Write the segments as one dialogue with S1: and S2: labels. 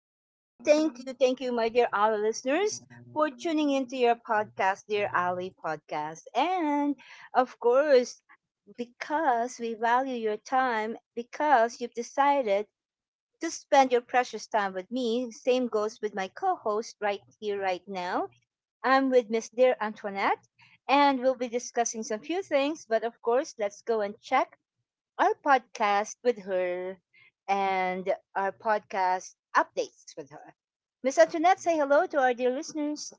S1: and thank you, my dear Ali listeners, for tuning into your podcast, Dear Ali Podcast. And of course, because we value your time, because you've decided to spend your precious time with me, same goes with my co host right here, right now. I'm with Miss Dear Antoinette, and we'll be discussing some few things, but of course, let's go and check our podcast with her and our podcast updates with her. Miss Antoinette, say hello to our dear listeners.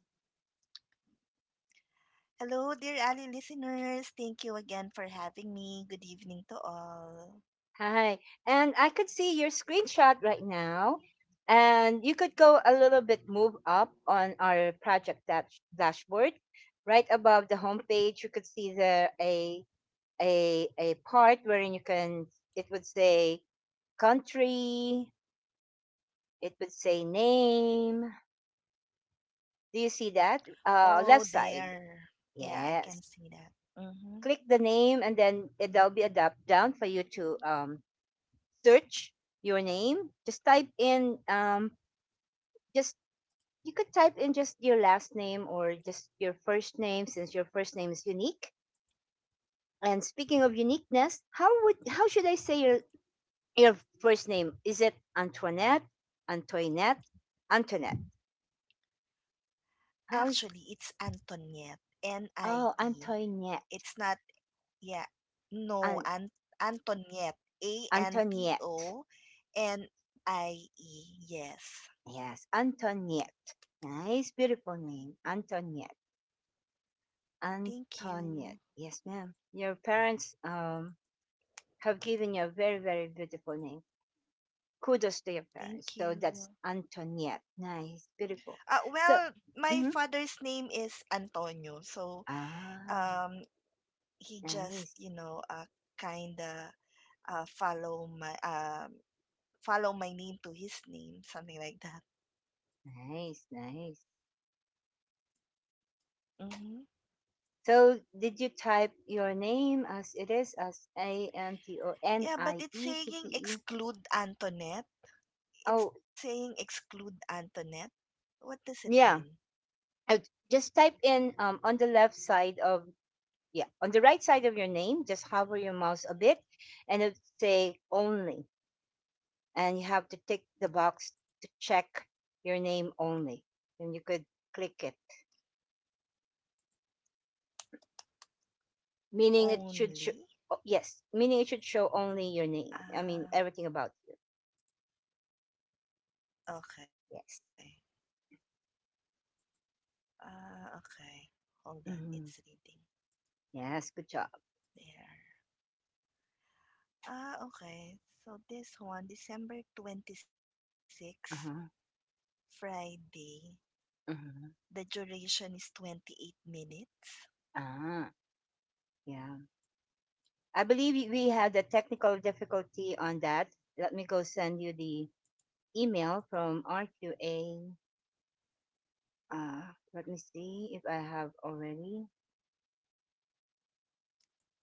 S2: Hello, dear Ali listeners. Thank you again for having me. Good evening to all.
S1: Hi. And I could see your screenshot right now. And you could go a little bit move up on our project dashboard. Right above the homepage, you could see there a part wherein you can it would say country, it would say name. Do you see that?
S2: Oh,
S1: Left
S2: there.
S1: side.
S2: Yeah, I can see that.
S1: Yes.
S2: Mm-hmm.
S1: Click the name and then it'll be a drop down for you to search your name. Just type in just you could type in just your last name or just your first name since your first name is unique. And speaking of uniqueness, how should I say your first name? Is it Antoinette, Antoinette, Antoinette? How
S2: Actually,
S1: is-
S2: it's Antoniette. N I
S1: oh
S2: E.
S1: Antoinette,
S2: It's not, yeah. No,
S1: An-
S2: Antoniette. A N T
S1: Antoinette.
S2: O N I E. Yes.
S1: Yes, Antoinette. Nice, beautiful name, Antoinette.
S2: Thank you.
S1: Antoinette. Yes, ma'am. Your parents have given you a very, very beautiful name. Kudos to your parents.
S2: Thank
S1: So
S2: you.
S1: that's Antoinette. Nice, beautiful. So,
S2: Well, my
S1: mhm.
S2: father's name is Antonio. So,
S1: ah,
S2: um, he just
S1: nice,
S2: kind of uh, follow my um follow my name to his name, something like that.
S1: nice.
S2: Hmm.
S1: So, did you type your name as it is, as A N T O N
S2: Yeah, but
S1: I
S2: it's
S1: E T
S2: saying
S1: T E?
S2: exclude Antoinette. It's
S1: Oh,
S2: saying exclude Antoinette. What does it mean?
S1: yeah. Uh, Just type in on the left side of, yeah, on the right side of your name, just hover your mouse a bit and it'll say only. And you have to tick the box to check your name only. And you could click it, meaning it should show,
S2: Only.
S1: oh, yes, meaning it should show only your name. I mean,
S2: Ah,
S1: everything about you.
S2: okay.
S1: Yes.
S2: Ah, okay. Hold on, it's
S1: Hmm.
S2: reading.
S1: Yes, good job.
S2: There. Ah, okay. So this one, December 26,
S1: Uh-huh.
S2: Friday, the
S1: Uh-huh.
S2: duration is 28 minutes.
S1: Ah, yeah. I believe we had a technical difficulty on that. Let me go send you the email from RQA. Uh, Let me see if I have already.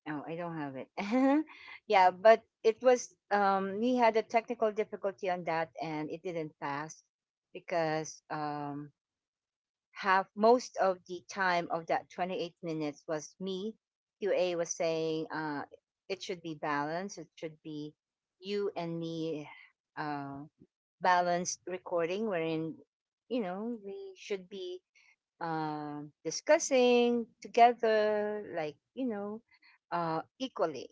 S1: No, I don't have it. Yeah, but it was we had a technical difficulty on that and it didn't pass because half most of the time of that 28 minutes was me. QA was saying it should be balanced, it should be you and me, uh balanced recording wherein, you know, we should be discussing together, like, you know, equally.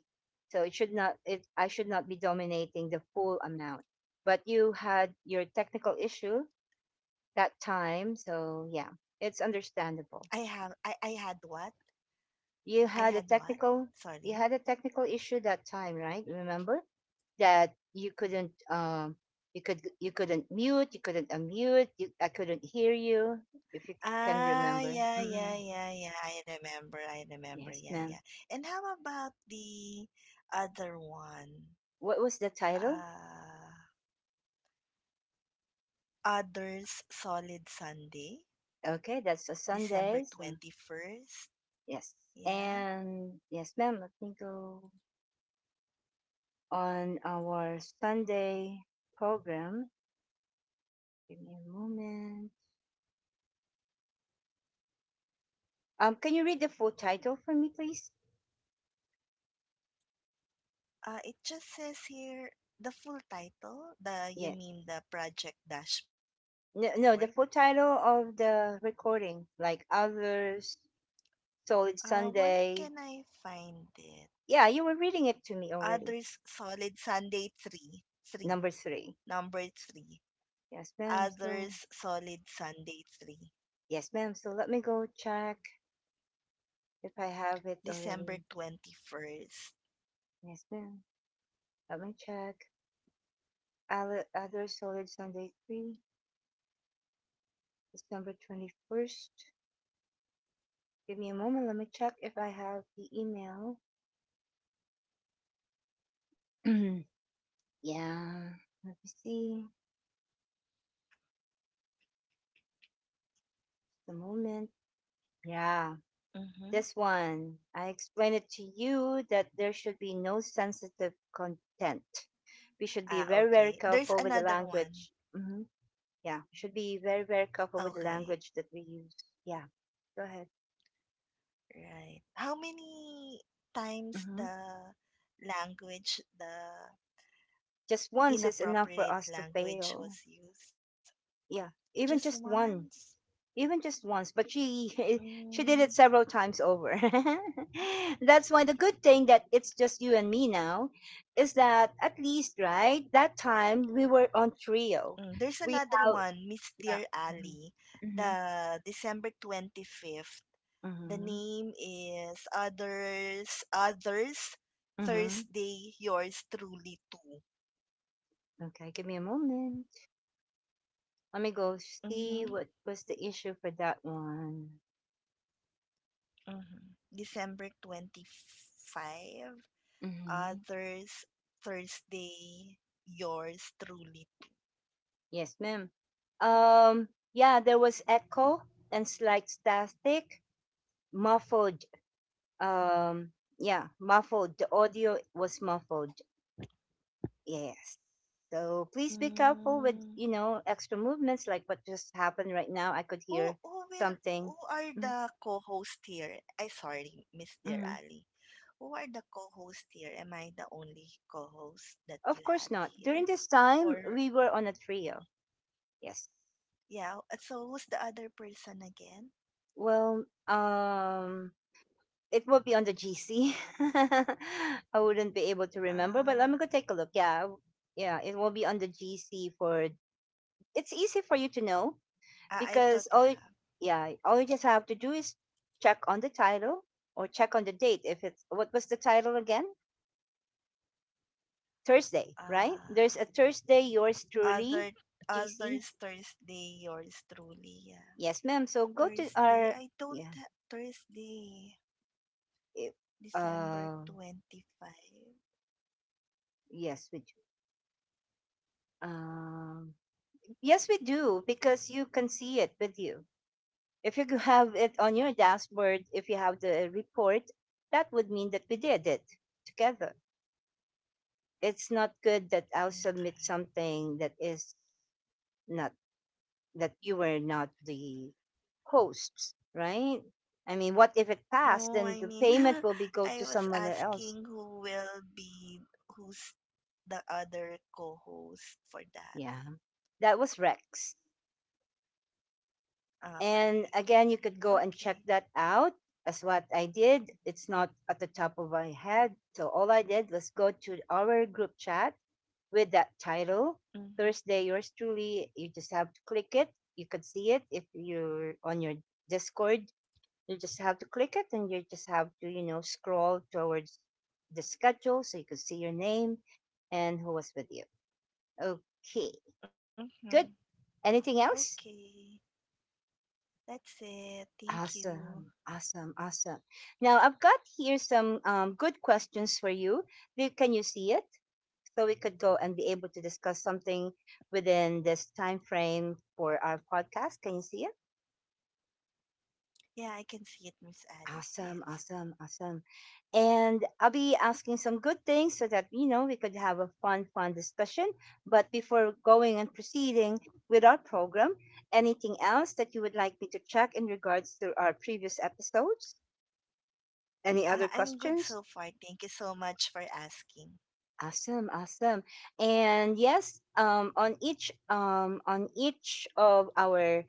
S1: So it should not. It I should not be dominating the full amount. But you had your technical issue that time, so yeah, it's
S2: I have
S1: understandable.
S2: I I had what? I
S1: You
S2: had
S1: had a
S2: what?
S1: technical.
S2: Sorry.
S1: You had a technical issue that time, right? Remember that you couldn't. You could. You couldn't mute. You couldn't unmute. I couldn't hear you. If you can
S2: Ah,
S1: remember.
S2: yeah, yeah,
S1: Mm.
S2: yeah, yeah. I remember. I remember.
S1: Yes,
S2: Yeah,
S1: ma'am.
S2: yeah. And how about the other one?
S1: What was the title?
S2: Uh, Others Solid Sunday,
S1: Okay, that's a Sunday.
S2: December
S1: So
S2: 21st.
S1: yes,
S2: Yeah.
S1: and yes, ma'am. Let me go on our Sunday program. Give me a moment. Can you read the full title for me, please?
S2: It just says here the full title. The You
S1: Yes.
S2: mean the project dashboard?
S1: No, no, the full title of the recording, like others,
S2: Where
S1: Solid
S2: can I
S1: Sunday.
S2: find it?
S1: Yeah, you were reading it to me
S2: Others
S1: already.
S2: Solid Sunday 3. 3.
S1: Number three.
S2: Number 3,
S1: Yes, ma'am. So
S2: Others Solid Sunday 3,
S1: yes, ma'am. So let me go check if I have it already.
S2: December 21st.
S1: Yes, ma'am. Let me check. Other solid Sunday 3, December 21st. Give me a moment. Let me check if I have the email. Yeah. Let me see. The moment. Yeah.
S2: Mm-hmm.
S1: This one. I explained it to you that there should be no sensitive content. We should be
S2: Ah,
S1: very, very
S2: okay. There's
S1: careful with the
S2: another one.
S1: language. Hmm. Yeah. We should be very, very careful with the
S2: Okay,
S1: language that we use. Yeah. Go ahead.
S2: right. How many times
S1: Hmm.
S2: the language, the
S1: Just once is enough for
S2: inappropriate
S1: us to
S2: language
S1: fail.
S2: was used?
S1: Yeah,
S2: Just
S1: even just
S2: once?
S1: one, even just once, but she she
S2: Mm.
S1: did it several times over. That's why the good thing that it's just you and me now is that at least right, that time we were on trio,
S2: Mm. There's
S1: we
S2: another
S1: have,
S2: one, Miss
S1: yeah,
S2: Dear Ali,
S1: mm-hmm, mm-hmm,
S2: the December 25th. The
S1: mm-hmm.
S2: name is Others
S1: mm-hmm.
S2: Thursday Yours Truly Too.
S1: Okay, give me a moment. Let me go
S2: Hmm.
S1: see what was the issue for that one.
S2: Mm-hmm. December 25.
S1: Mm-hmm.
S2: Others Thursday Yours Truly.
S1: Yes, ma'am. Yeah, there was echo and slight static, muffled. um yeah, muffled, the audio was muffled. Yes. So please be careful with,
S2: Mm.
S1: you know, extra movements like what just happened right now. I could
S2: Who
S1: hear
S2: who will
S1: something.
S2: who are
S1: Mm,
S2: the co-host here? I Sorry, Miss Dear
S1: mm-hmm.
S2: Ali. Who are the co-host here? Am I the only co-host that
S1: Of
S2: you
S1: course
S2: had
S1: not, during
S2: here?
S1: this time
S2: Or
S1: we were on a trio. Yes.
S2: yeah, so who's the other person again?
S1: Well, um it will be on the GC. I wouldn't be able to remember, but
S2: Uh,
S1: let me go take a look. Yeah, yeah, it will be on the GC for, it's easy for you to know
S2: ah, I
S1: because
S2: thought you have.
S1: yeah, all you just have to do is check on the title or check on the date if it's, what was the title again? Thursday, right? There's
S2: Uh,
S1: a Thursday Yours Truly.
S2: other
S1: GC.
S2: Others Thursday, yours truly. Yeah.
S1: Yes, ma'am, so go to
S2: Thursday.
S1: our,
S2: I don't
S1: yeah,
S2: ha- Thursday,
S1: it,
S2: December
S1: uh
S2: 25.
S1: yes we do. um yes we do because you can see it with you if you have it on your dashboard. If you have the report, that would mean that we did it together. It's not good that I'll submit
S2: Okay.
S1: something that is not, that you were not the hosts, right? I mean, what if it passed?
S2: No,
S1: Then
S2: I
S1: the
S2: mean
S1: payment will be go to
S2: I was
S1: someone else.
S2: asking who will be who's the other co-host for that.
S1: Yeah, that was Rex. And
S2: Okay.
S1: again, you could go and check
S2: Okay.
S1: that out. That's what I did. It's not at the top of my head. So all I did was go to our group chat with that title,
S2: Mm-hmm.
S1: Thursday, yours truly. You just have to click it. You could see it if you're on your Discord. You just have to click it and you just have to, you know, scroll towards the schedule so you could see your name and who was with you. Okay,
S2: Mm-hmm.
S1: good. Anything else?
S2: Okay. That's it. Thank you.
S1: Awesome, awesome, awesome. Now I've got here some good questions for you. Can you see it? So we could go and be able to discuss something within this time frame for our podcast. Can you see it?
S2: Yeah, I can see it, Miss Ali. Yes.
S1: Awesome, awesome, awesome. And I'll be asking some good things so that, you know, we could have a fun, fun discussion. But before going and proceeding with our program, anything else that you would like me to check in regards to our previous episodes? Any other
S2: I'm good
S1: questions?
S2: so far. Thank you so much for asking.
S1: Awesome, awesome. And yes, on each of our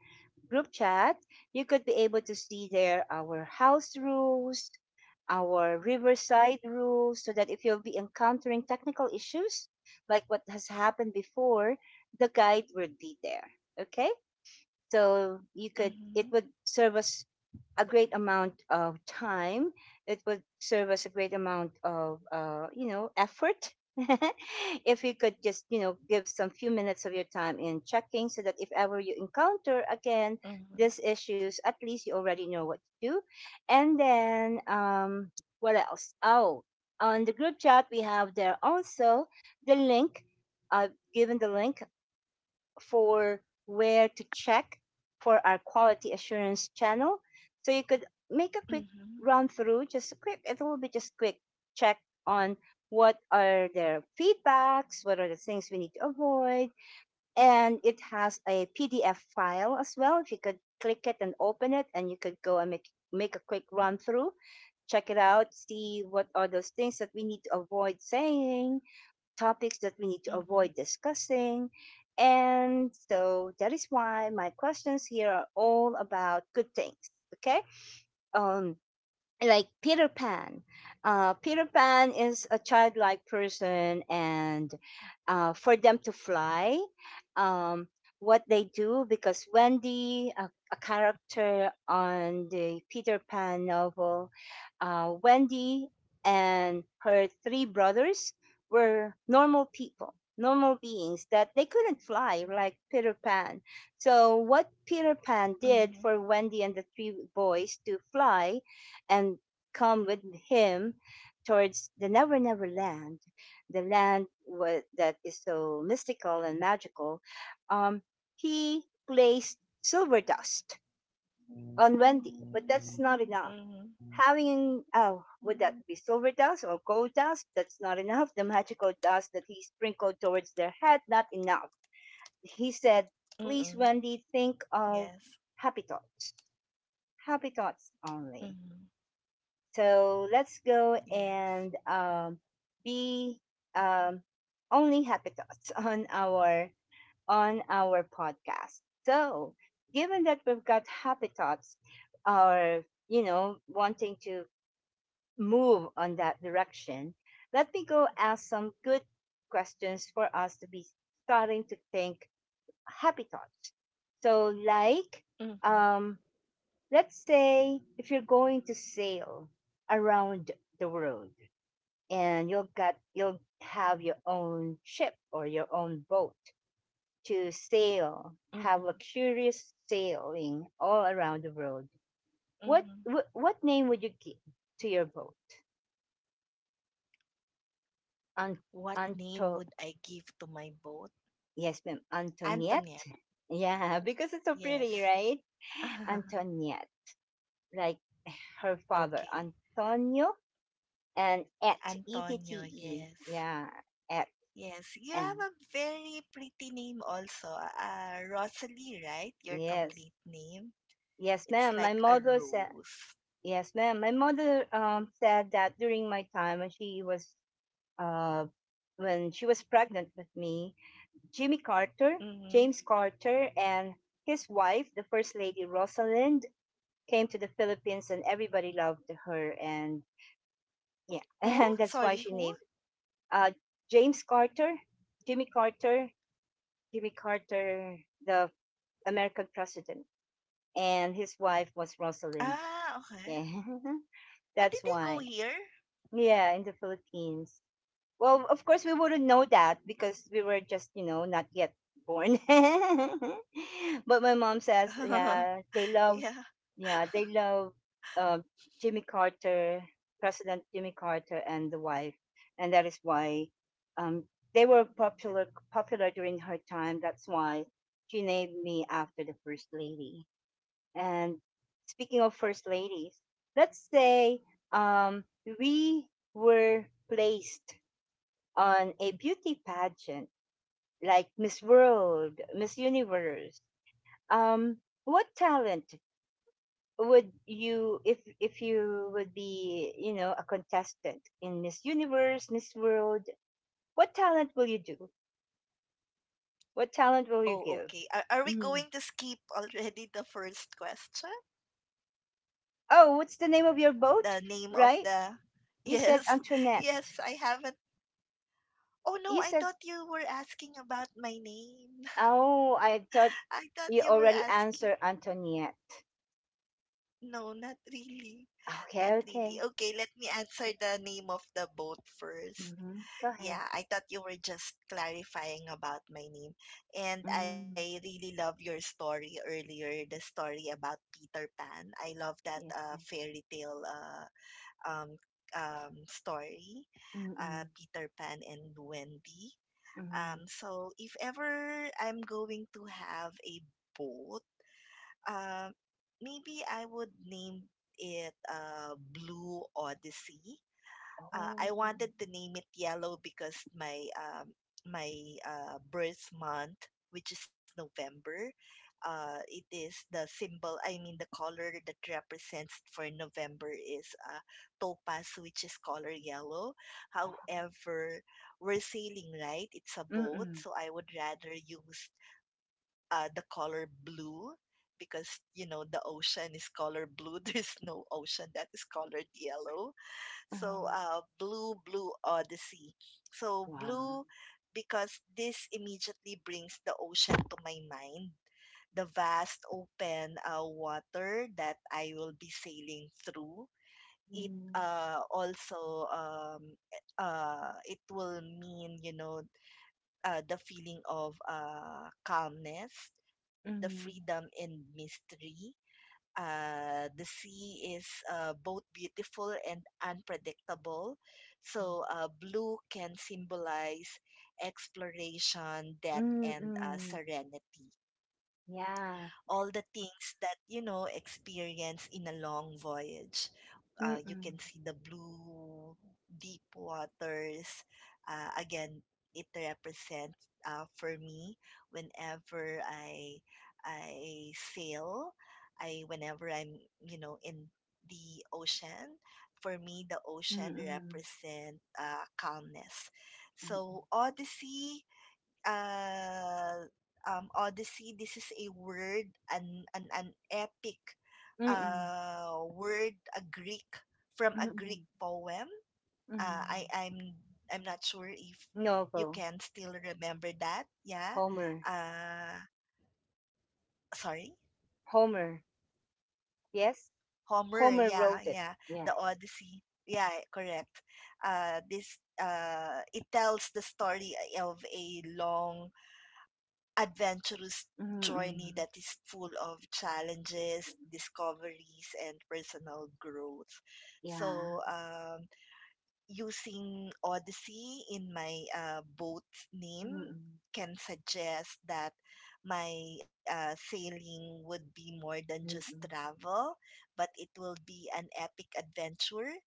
S1: group chat, you could be able to see there our house rules, our riverside rules, so that if you'll be encountering technical issues like what has happened before, the guide will be there. Okay. So you could, it
S2: Mm-hmm.
S1: would serve us a great amount of time. It would serve us a great amount of you know, effort. If you could just, you know, give some few minutes of your time in checking so that if ever you encounter
S2: Mm-hmm.
S1: again these issues, at least you already know what to do. And then what else, oh, on the group chat we have there also the link. I've given the link for where to check for our quality assurance channel. So you could make a quick
S2: Mm-hmm.
S1: run through, just a quick, it will be just quick, check on what are their feedbacks, what are the things we need to avoid, and it has a PDF file as well. If you could click it and open it, and you could go and make a quick run through, check it out, see what are those things that we need to avoid saying, topics that we need to
S2: Mm-hmm.
S1: avoid discussing. And so that is why my questions here are all about good things. Okay. Um, like Peter Pan. Peter Pan is a childlike person, and for them to fly, um, what they do because Wendy, a character on the Peter Pan novel, Wendy and her 3 brothers were normal people, normal beings that they couldn't fly like Peter Pan. So, what Peter Pan
S2: Mm-hmm.
S1: did for Wendy and the 3 boys to fly and come with him towards the never never land, the land that is so mystical and magical. um, he placed silver dust on Wendy, but that's not enough.
S2: Mm-hmm.
S1: Having, oh, would that be silver dust or gold dust? That's not enough. The magical dust that he sprinkled towards their head, not enough. He said, please
S2: Mm-hmm.
S1: Wendy, think of
S2: Yes.
S1: happy thoughts, happy thoughts only.
S2: Mm-hmm.
S1: So let's go
S2: Yes.
S1: and be um, only happy thoughts on our podcast. So given that we've got happy thoughts, or you know, wanting to move on that direction, let me go ask some good questions for us to be starting to think happy thoughts. So like
S2: Mm-hmm.
S1: um let's say if you're going to sail around the world, and you'll have your own ship or your own boat to sail,
S2: Mm-hmm.
S1: have luxurious sailing all around the world.
S2: Mm-hmm.
S1: What what, name would you give to your boat? An,
S2: What name
S1: Anto
S2: would I give to my boat?
S1: Yes, ma'am, Antoniette,
S2: Antoinette.
S1: yeah, because it's so pretty,
S2: Yes.
S1: right? Antoniette, like her father
S2: Okay.
S1: Antonio, and at
S2: Antonio.
S1: ette.
S2: Yes.
S1: Yeah, at,
S2: Yes, you have
S1: and
S2: a very pretty name also. Rosalie, right? Your
S1: yes,
S2: complete name.
S1: yes,
S2: It's
S1: ma'am. My
S2: like a
S1: mother said
S2: rose.
S1: yes, ma'am. My mother said that during my time uh when she was pregnant with me, Jimmy Carter,
S2: Mm-hmm.
S1: James Carter, and his wife, the first lady Rosalind, came to the Philippines, and everybody loved her, and yeah,
S2: Who?
S1: and that's why
S2: Sorry,
S1: she
S2: who?
S1: named uh James Carter, Jimmy Carter, Jimmy Carter, the American president, and his wife was Rosalind.
S2: Ah, okay.
S1: Yeah,
S2: Ah, did they
S1: that's
S2: go
S1: why.
S2: here?
S1: Yeah, in the Philippines. Well, of course, we wouldn't know that because we were just, you know, not yet born. But my mom says,
S2: Yeah.
S1: yeah, they love uh, Jimmy Carter, President Jimmy Carter, and the wife, and that is why um, they were popular during her time. That's why she named me after the first lady. And speaking of first ladies, let's say um, we were placed on a beauty pageant like Miss World, Miss Universe. Um, what talent would you, if you would be, you know, a contestant in Miss Universe, Miss World, what talent will you do? What talent will you
S2: Oh,
S1: give?
S2: okay. Are we
S1: Mhm.
S2: going to skip already the first question?
S1: Oh, what's the name of your boat?
S2: The name of
S1: Right?
S2: the.
S1: You said
S2: Yes,
S1: Antoinette.
S2: yes, I haven't. Oh no,
S1: You
S2: I
S1: said,
S2: thought you were asking about my name.
S1: oh, I thought
S2: I thought
S1: you
S2: you were
S1: already
S2: asking.
S1: answered Antoinette.
S2: No, not really.
S1: Okay,
S2: Not really.
S1: okay.
S2: Okay, let me answer the name of the boat first.
S1: Mm-hmm. Go ahead.
S2: Yeah, I thought you were just clarifying about my name. And
S1: Mm,
S2: I really love your story earlier, the story about Peter Pan. I love that
S1: yes, ma'am.
S2: fairy tale, um, story,
S1: Mm-mm.
S2: Peter Pan and Wendy.
S1: Mm-mm.
S2: So if ever I'm going to have a boat, uh, maybe I would name it Blue Odyssey. I
S1: Oh.
S2: wanted to name it yellow because my birth month, which is November, it is the symbol. I mean, the color that represents for November is topaz, which is color yellow.
S1: Ah,
S2: However, we're sailing, right? It's a boat,
S1: mm-mm.
S2: so I would rather use the color blue, because you know the ocean is color blue. There's no ocean that is colored yellow,
S1: Mm-hmm.
S2: so Blue Odyssey. So
S1: Wow.
S2: blue, because this immediately brings the ocean to my mind. The vast open water that I will be sailing through. It
S1: Mm,
S2: also, it will mean, you know, the feeling of calmness, the
S1: mm,
S2: freedom and mystery. The sea is both beautiful and unpredictable. So, blue can symbolize exploration, death,
S1: mm, mm,
S2: and
S1: mm.
S2: serenity,
S1: Yeah.
S2: all the things that you know experience in a long voyage. You
S1: Mm-mm.
S2: can see the blue deep waters. Again, it represents, for me, whenever I sail, I whenever I'm, you know, in the ocean, for me the ocean
S1: Mm-mm.
S2: represent calmness.
S1: Mm-mm.
S2: So Odyssey. uh, Odyssey, this is a word, an epic
S1: Mm-mm.
S2: word, from a Greek
S1: Mm-mm.
S2: poem. Uh, I,
S1: Mm.
S2: I'm, I'm not sure if you
S1: Novel.
S2: can still remember that. Yeah.
S1: Homer.
S2: Uh, Sorry?
S1: Homer. Yes?
S2: Homer.
S1: Homer
S2: Yeah,
S1: wrote it.
S2: yeah. The
S1: Yeah.
S2: Odyssey. Yeah, correct. This It tells the story of a long adventurous journey
S1: Mm-mm.
S2: that is full of challenges, discoveries, and personal growth. So,
S1: Yeah,
S2: using Odyssey in my boat's name
S1: mm,
S2: can suggest that my sailing would be more than
S1: mm.
S2: just travel, but it will be an epic adventure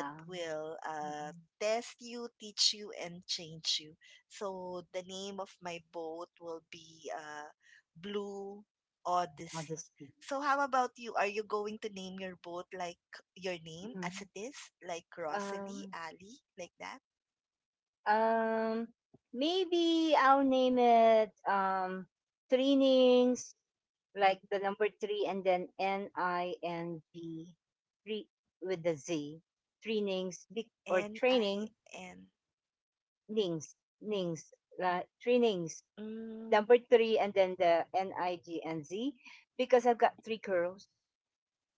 S2: that will
S1: mm.
S2: test you, teach you, and change you. So the name of my boat will be Blue Odyssey.
S1: Modesty.
S2: So how about you? Are you going to name your boat like your name as
S1: Mm.
S2: it is, like Rosalie,
S1: Um,
S2: Ali, like that?
S1: um, maybe I'll name it trainings, like the number three and then NING, three, with the Z, trainings or
S2: N
S1: training,
S2: I N.
S1: nings, nings, la trainings,
S2: Mm,
S1: number three and then the NIG and Z, because I've got three curls.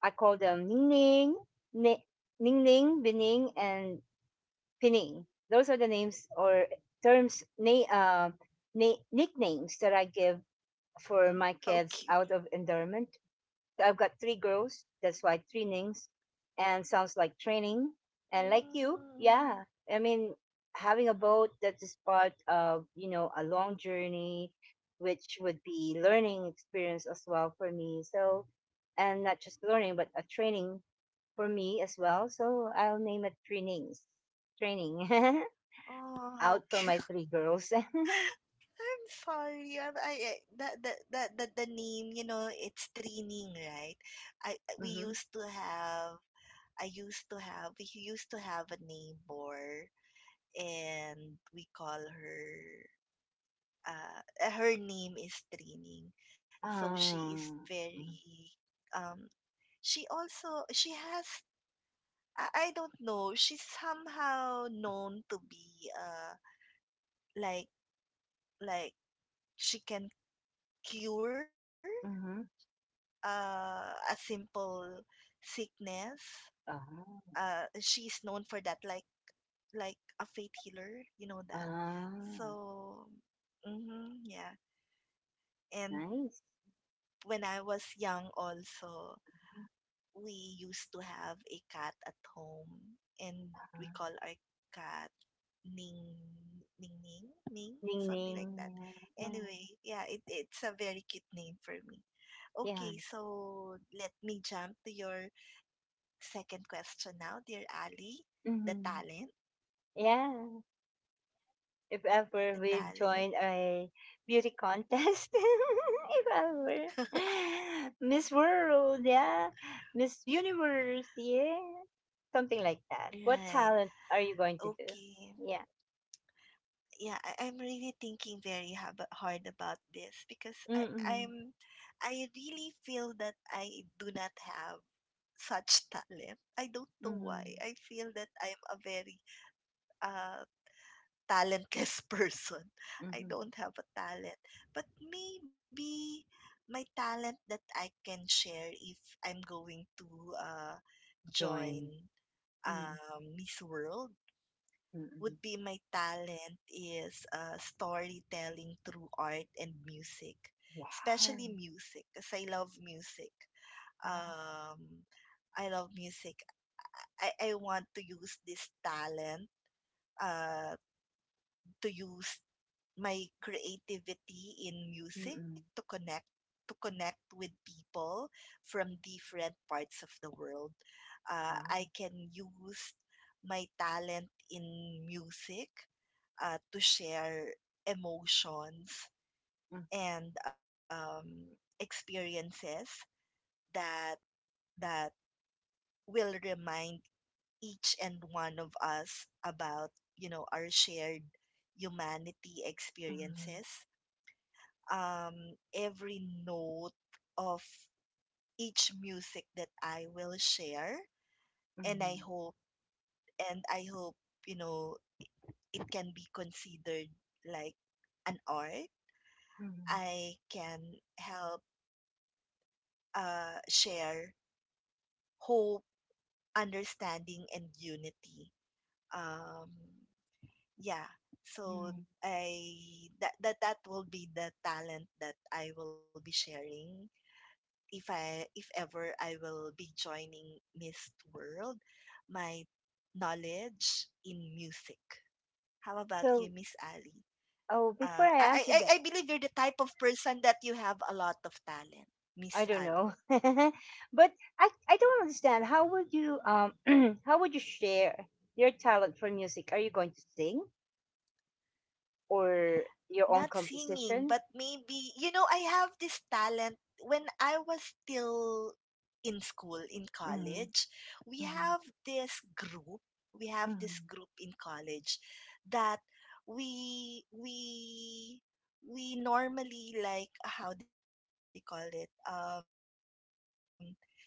S1: I call them Ning Ning, Ni- Ning Ning, Bining, and Pining. Those are the names or terms, nicknames that I give for my
S2: how
S1: kids
S2: cute.
S1: out of endearment. I've got three girls, that's why three Nings, and sounds like training. And like you,
S2: Mm,
S1: yeah, I mean, having a boat that is part of, you know, a long journey, which would be learning experience as well for me. So, and not just learning but a training for me as well. So I'll name it trainings. Training.
S2: oh, how
S1: Out from
S2: cute.
S1: my three girls.
S2: I'm sorry. I that the name, you know, it's training, right? I we
S1: Mm-hmm.
S2: used to have. I used to have. We used to have a neighbor, and we call her. Her name is training, so she is
S1: Um,
S2: very um she also she has, I don't know, she's somehow known to be, like, like she can cure
S1: mm-hmm.
S2: a simple sickness.
S1: Oh,
S2: She's known for that, like, like a faith healer, you know that.
S1: ah,
S2: So, mm-hmm, yeah. And
S1: nice.
S2: when I was young also, we used to have a cat at home, and we
S1: Uh,
S2: call our cat Ning Ning Ning,
S1: Ning
S2: something
S1: Ning.
S2: like that. Anyway, yeah, it's a very cute name for me.
S1: Yeah.
S2: Okay, so let me jump to your second question now, dear Ali. The
S1: Mm-hmm.
S2: talent,
S1: Yeah. If ever
S2: the
S1: we
S2: talent.
S1: join a beauty contest, if ever. Miss World, yeah. Miss Universe, yeah. Something like that. What
S2: Right.
S1: talent are you going to do?
S2: Okay.
S1: Yeah.
S2: Yeah, I'm really thinking very hard about this, because I,
S1: Mm-mm.
S2: I'm I really feel that I do not have such talent. I don't know
S1: Mm-hmm.
S2: why. I feel that I'm a very uh, talentless person.
S1: Mm-hmm.
S2: I don't have a talent. But maybe my talent that I can share if I'm going to uh,
S1: Join.
S2: join
S1: Mm-mm.
S2: Miss World would
S1: Mm-mm.
S2: be, my talent is storytelling through art and music,
S1: Wow.
S2: especially music, because I love music.
S1: Wow.
S2: Um, I love music. I want to use this talent uh, to use my creativity in music
S1: Mm-mm.
S2: to connect with people from different parts of the world.
S1: Wow.
S2: I can use my talent in music to share emotions and experiences that that will remind each and one of us about, you know, our shared humanity
S1: Mm-mm.
S2: experiences. Every note of each music that I will share, and I
S1: Mm-mm.
S2: hope, and I hope, you know, it can be considered like an art.
S1: Mm-mm.
S2: I can help share hope, understanding, and unity. Um, yeah, so,
S1: Mm-mm.
S2: I that will be the talent that I will be sharing, if I if ever I will be joining Miss World, my knowledge in music. How about you,
S1: So,
S2: Miss Ali?
S1: oh, before I answer that,
S2: I believe you're the type of person that you have a lot of talent,
S1: I
S2: Miss
S1: don't
S2: Ali.
S1: know, but I don't understand. How would you how would you share your talent for music? Are you going to sing, or your own
S2: Not singing,
S1: composition?
S2: but maybe, you know, I have this talent when I was still in school, in
S1: Mm-hmm,
S2: college. We
S1: mm-hmm,
S2: have this group, we have this
S1: mm-hmm,
S2: group in college, that we we we normally, like how they call it,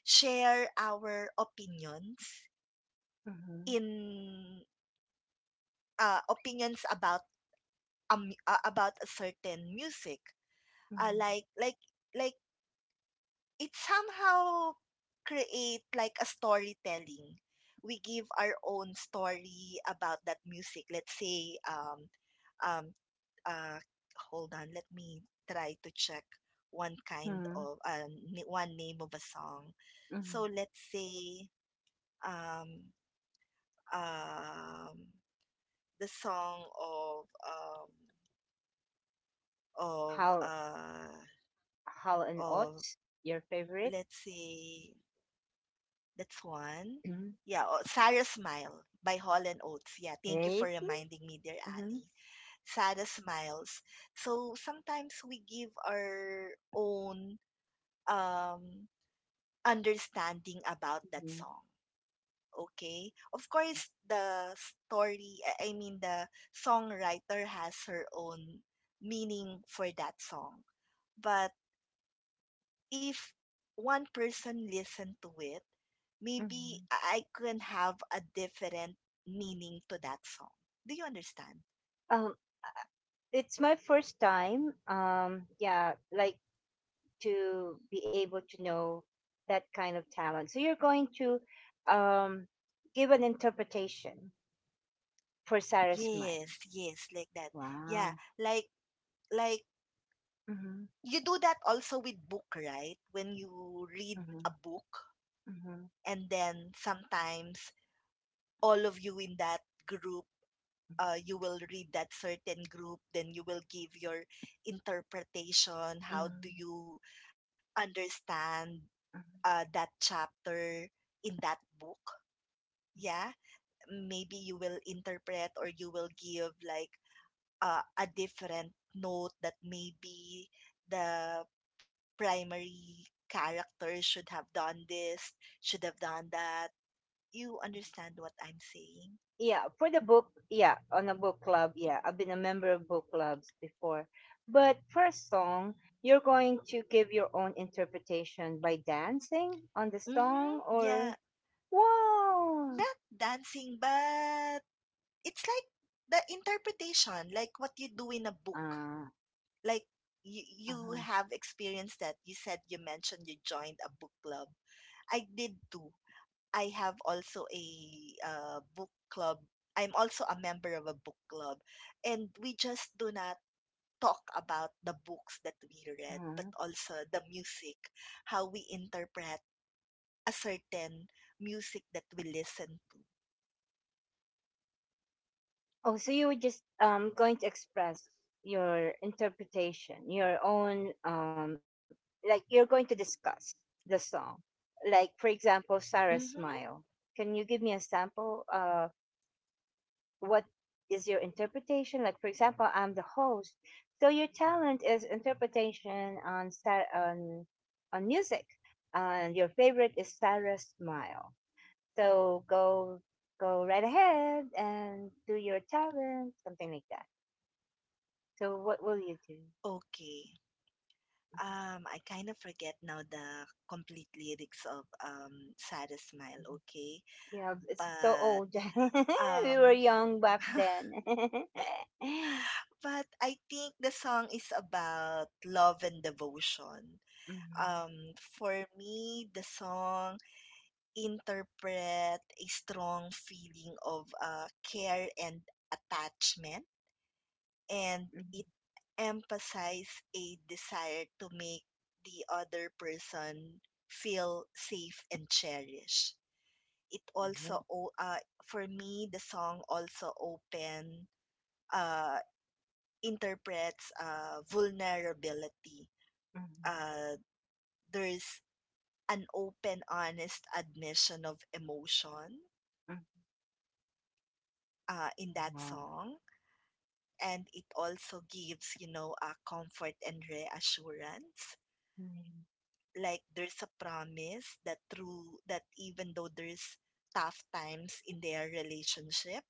S2: share our opinions
S1: mm-hmm,
S2: in, opinions about, about a certain music,
S1: mm-hmm,
S2: like like it somehow create like a storytelling. We give our own story about that music. Let's say, um, uh, hold on, let me try to check one kind of,
S1: mm-hmm.
S2: one name of a song. So
S1: Mm-hmm.
S2: let's say, um, um, the song of, of
S1: How
S2: uh,
S1: how and
S2: of
S1: Oates, your
S2: let's
S1: favorite?
S2: say. That's one.
S1: Mm-hmm.
S2: Yeah, oh, Sarah Smile by Holland Oates. Yeah, thank you for
S1: Crazy.
S2: reminding me, dear
S1: Mm-hmm,
S2: Ali. Sarah Smiles. So sometimes we give our own um, understanding about that
S1: mm-hmm,
S2: song. Okay. Of course, the story, I mean, the songwriter has her own meaning for that song. But if one person listened to it, maybe I
S1: mm-hmm.
S2: can have a different meaning to that song. Do you understand?
S1: Um, it's my first time. Yeah, like, to be able to know that kind of talent. So you're going to um, give an interpretation for Sarah's
S2: Yes,
S1: mind.
S2: yes, like that. Yeah,
S1: Wow.
S2: like, like
S1: Mm-hmm,
S2: you do that also with book, right? When you read
S1: mm-hmm,
S2: a book,
S1: mm-hmm,
S2: and then sometimes all of you in that group,
S1: mm-hmm.
S2: you will read that certain group, then you will give your interpretation. How do
S1: Mm-hmm.
S2: you understand that chapter in that book? Yeah. Maybe you will interpret, or you will give like a different note that maybe the primary character should have done this, should have done that. You understand what I'm saying?
S1: Yeah, for the book, yeah, on a book club, yeah, I've been a member of book clubs before. But for a song, you're going to give your own interpretation by dancing on the
S2: Mm-hmm.
S1: song
S2: Yeah.
S1: or wow.
S2: Not dancing, but it's like the interpretation, like what you do in a book.
S1: Uh,
S2: Like you
S1: uh-huh,
S2: have experienced that you mentioned you joined a book club. I did too. I have also a book club I'm also a member of a book club, and we just do not talk about the books that we read but
S1: uh-huh.
S2: also the music, how we interpret a certain music that we listen to.
S1: Oh, so you were just going to express your interpretation, your own like you're going to discuss the song. Like for example, Sarah
S2: Mm-hmm.
S1: Smile. Can you give me a sample? What is your interpretation? Like for example, I'm the host. So your talent is interpretation on star on music. And your favorite is Sarah Smile. So go right ahead and do your talent, something like that. So what will you do?
S2: Okay, I kind of forget now the complete lyrics of Sad Smile, okay?
S1: You know, it's so
S2: But
S1: old.
S2: um
S1: We were young back then.
S2: but I think the song is about love and devotion.
S1: Mhm,
S2: For me, the song interpret a strong feeling of care and attachment, and it emphasizes a desire to make the other person feel safe and cherished. It
S1: mhm,
S2: also,
S1: right,
S2: for me, the song also open uh, interprets vulnerability.
S1: mhm,
S2: Uh, there's an open, honest admission of emotion in that
S1: mhm,
S2: song, and it also gives, you know, a comfort and reassurance. Like there's a promise that through that even though there's tough times in their relationship,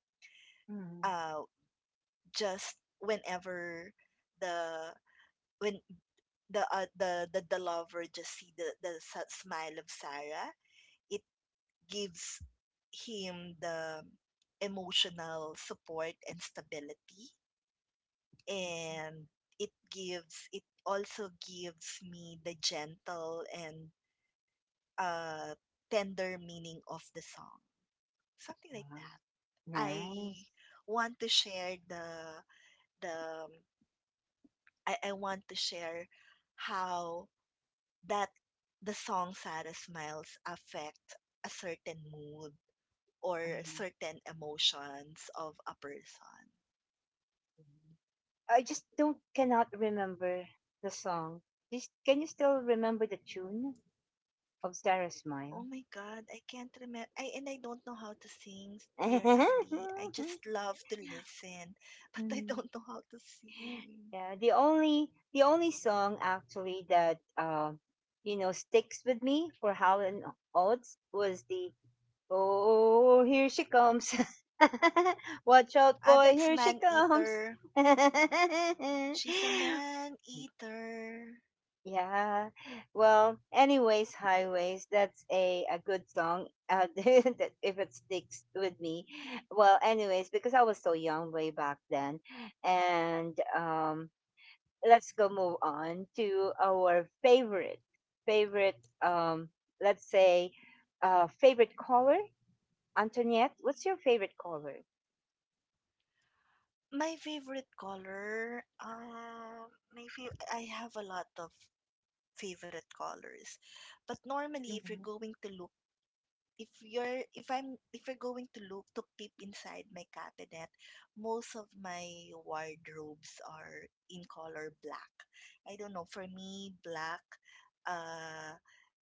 S1: mhm, mhm, mhm,
S2: uh, just whenever the when the the lover just see the the smile of Sarah, it gives him the emotional support and stability, and it also gives me the gentle and uh tender meaning of the song, something like that. i
S1: mhm. Nice.
S2: want to share the the I want to share how that the song Sarah Smiles affect a certain mood or
S1: Mhm.
S2: certain emotions of a person.
S1: I just don't cannot remember the song. Just, can you still remember the tune of Sarah
S2: Oh my
S1: Smile?
S2: god, I can't remember. I don't know how to sing, dear Ali. I just love to listen, but I don't know how to sing.
S1: Yeah, the only song actually that you know sticks with me for Howlin' Odds was the, oh, here she comes. Watch out
S2: Ah,
S1: boy,
S2: that's
S1: here she
S2: Man
S1: comes.
S2: Eater. She's a man eater.
S1: Yeah. Well, anyways, highways, that's a good song. Uh, that if it sticks with me. Well, anyways, because I was so young way back then, and let's go move on to our favorite favorite um let's say favorite color. Antoniette, what's your favorite color?
S2: My favorite color, I have a lot of favorite colors, but normally
S1: Mhm.
S2: if you're going to look to peep inside my cabinet, most of my wardrobes are in color black. I don't know, for me black uh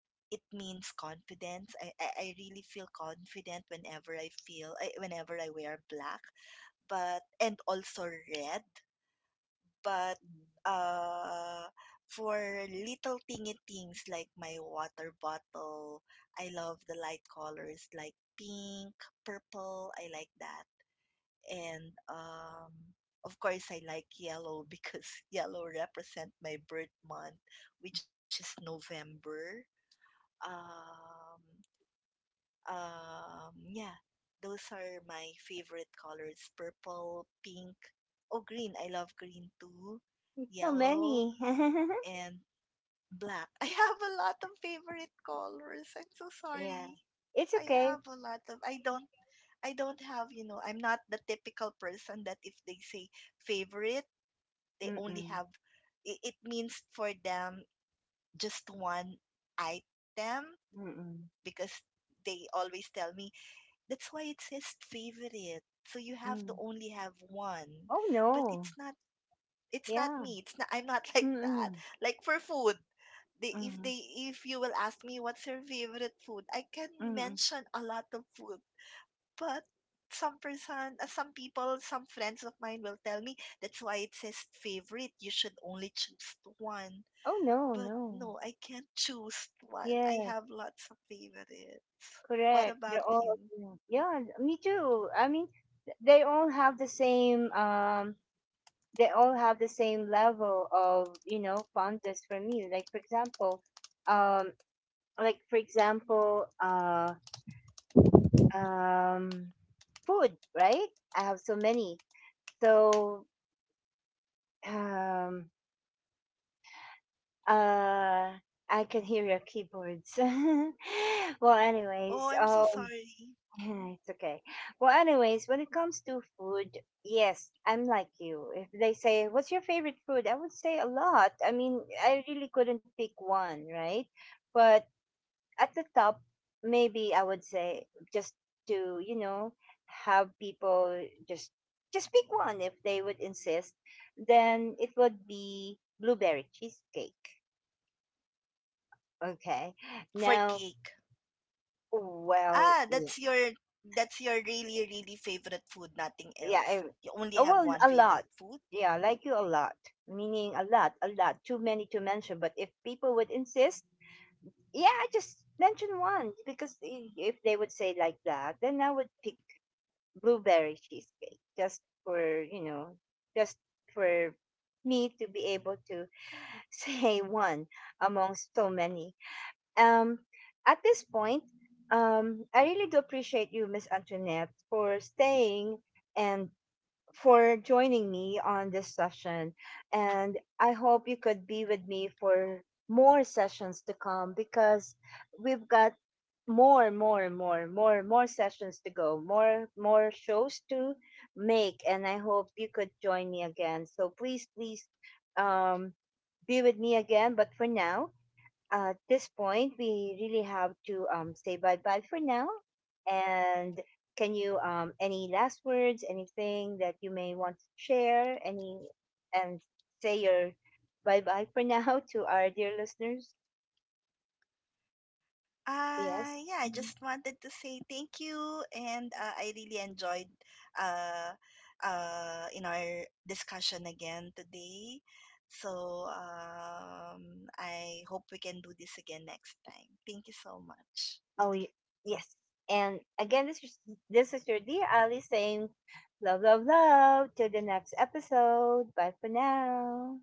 S2: it means confidence. I really feel confident whenever I wear black. But and also red. But uh, for little tingy things like my water bottle, I love the light colors like pink, purple. I like that. And of course, I like yellow because yellow represent my birth month, which is November. Um, yeah, those are my favorite colors: purple, pink, oh green. I love green too.
S1: It's so
S2: Yellow,
S1: many.
S2: and black. I have a lot of favorite colors. I'm so
S1: Yeah,
S2: sorry.
S1: it's
S2: I
S1: okay.
S2: have a lot of I don't have, you know, I'm not the typical person that if they say favorite, they only
S1: Mm-mm.
S2: have it means for them just one item,
S1: Mm-mm.
S2: because they always tell me that's why it says favorite. So you have to
S1: Mm.
S2: only have one.
S1: Oh
S2: But
S1: no.
S2: it's not
S1: Yeah.
S2: me. It's not I'm not like that.
S1: Mm-mm.
S2: Like for food,
S1: Mm-mm.
S2: they if you will ask me what's your favorite food, I can
S1: Mm-mm.
S2: mention a lot of food, but some people, some friends of mine will tell me that's why it says favorite. You should only choose one.
S1: Oh no,
S2: But
S1: no.
S2: no, I can't choose one. I
S1: Yeah.
S2: have lots of favorites. What
S1: Correct.
S2: about
S1: They're all
S2: you?
S1: yeah, yeah, me too. I mean, they all have the same they all have the same level of, you know, fondness for me. Um like for example, um food, right? I have so many. So um uh I can hear your keyboards. Well,
S2: Oh,
S1: anyways,
S2: I'm so
S1: uh,
S2: sorry.
S1: it's okay. Well, anyways, when it comes to food, yes, I'm like you. If they say, "What's your favorite food?" I would say a lot. I mean, I really couldn't pick one, right? But at the top, maybe I would say, just to, you know, have people just pick one if they would insist, then it would be blueberry cheesecake. Okay.
S2: For
S1: Now,
S2: cake.
S1: well,
S2: Ah, that's your really really favorite food, nothing
S1: yeah
S2: else.
S1: I-
S2: You only have
S1: well,
S2: one
S1: a lot,
S2: favorite food?
S1: yeah, like you, a lot, meaning a lot, a lot, too many to mention, but if people would insist, yeah, just mention one, because if they would say like that, then I would pick blueberry cheesecake, just for, you know, just for me to be able to say one amongst so many. um at this point, I really do appreciate you, Miss Antoinette, for staying and for joining me on this session. And I hope you could be with me for more sessions to come, because we've got more, more, more, more, more sessions to go, more, more shows to make. And I hope you could join me again. So please, please, um, be with me again. But for now, at this point, we really have to say bye bye for now. And can you any last words, anything that you may want to share, any and say your bye bye for now to our dear listeners? Yes.
S2: Yeah, I
S1: Mhm.
S2: just wanted to say thank you, and I really enjoyed uh, in our discussion again today. So I hope we can do this again next time. Thank you so much.
S1: Oh y- yes. And again, this is your dear Ali saying, love, love, love. Till the next episode. Bye for now.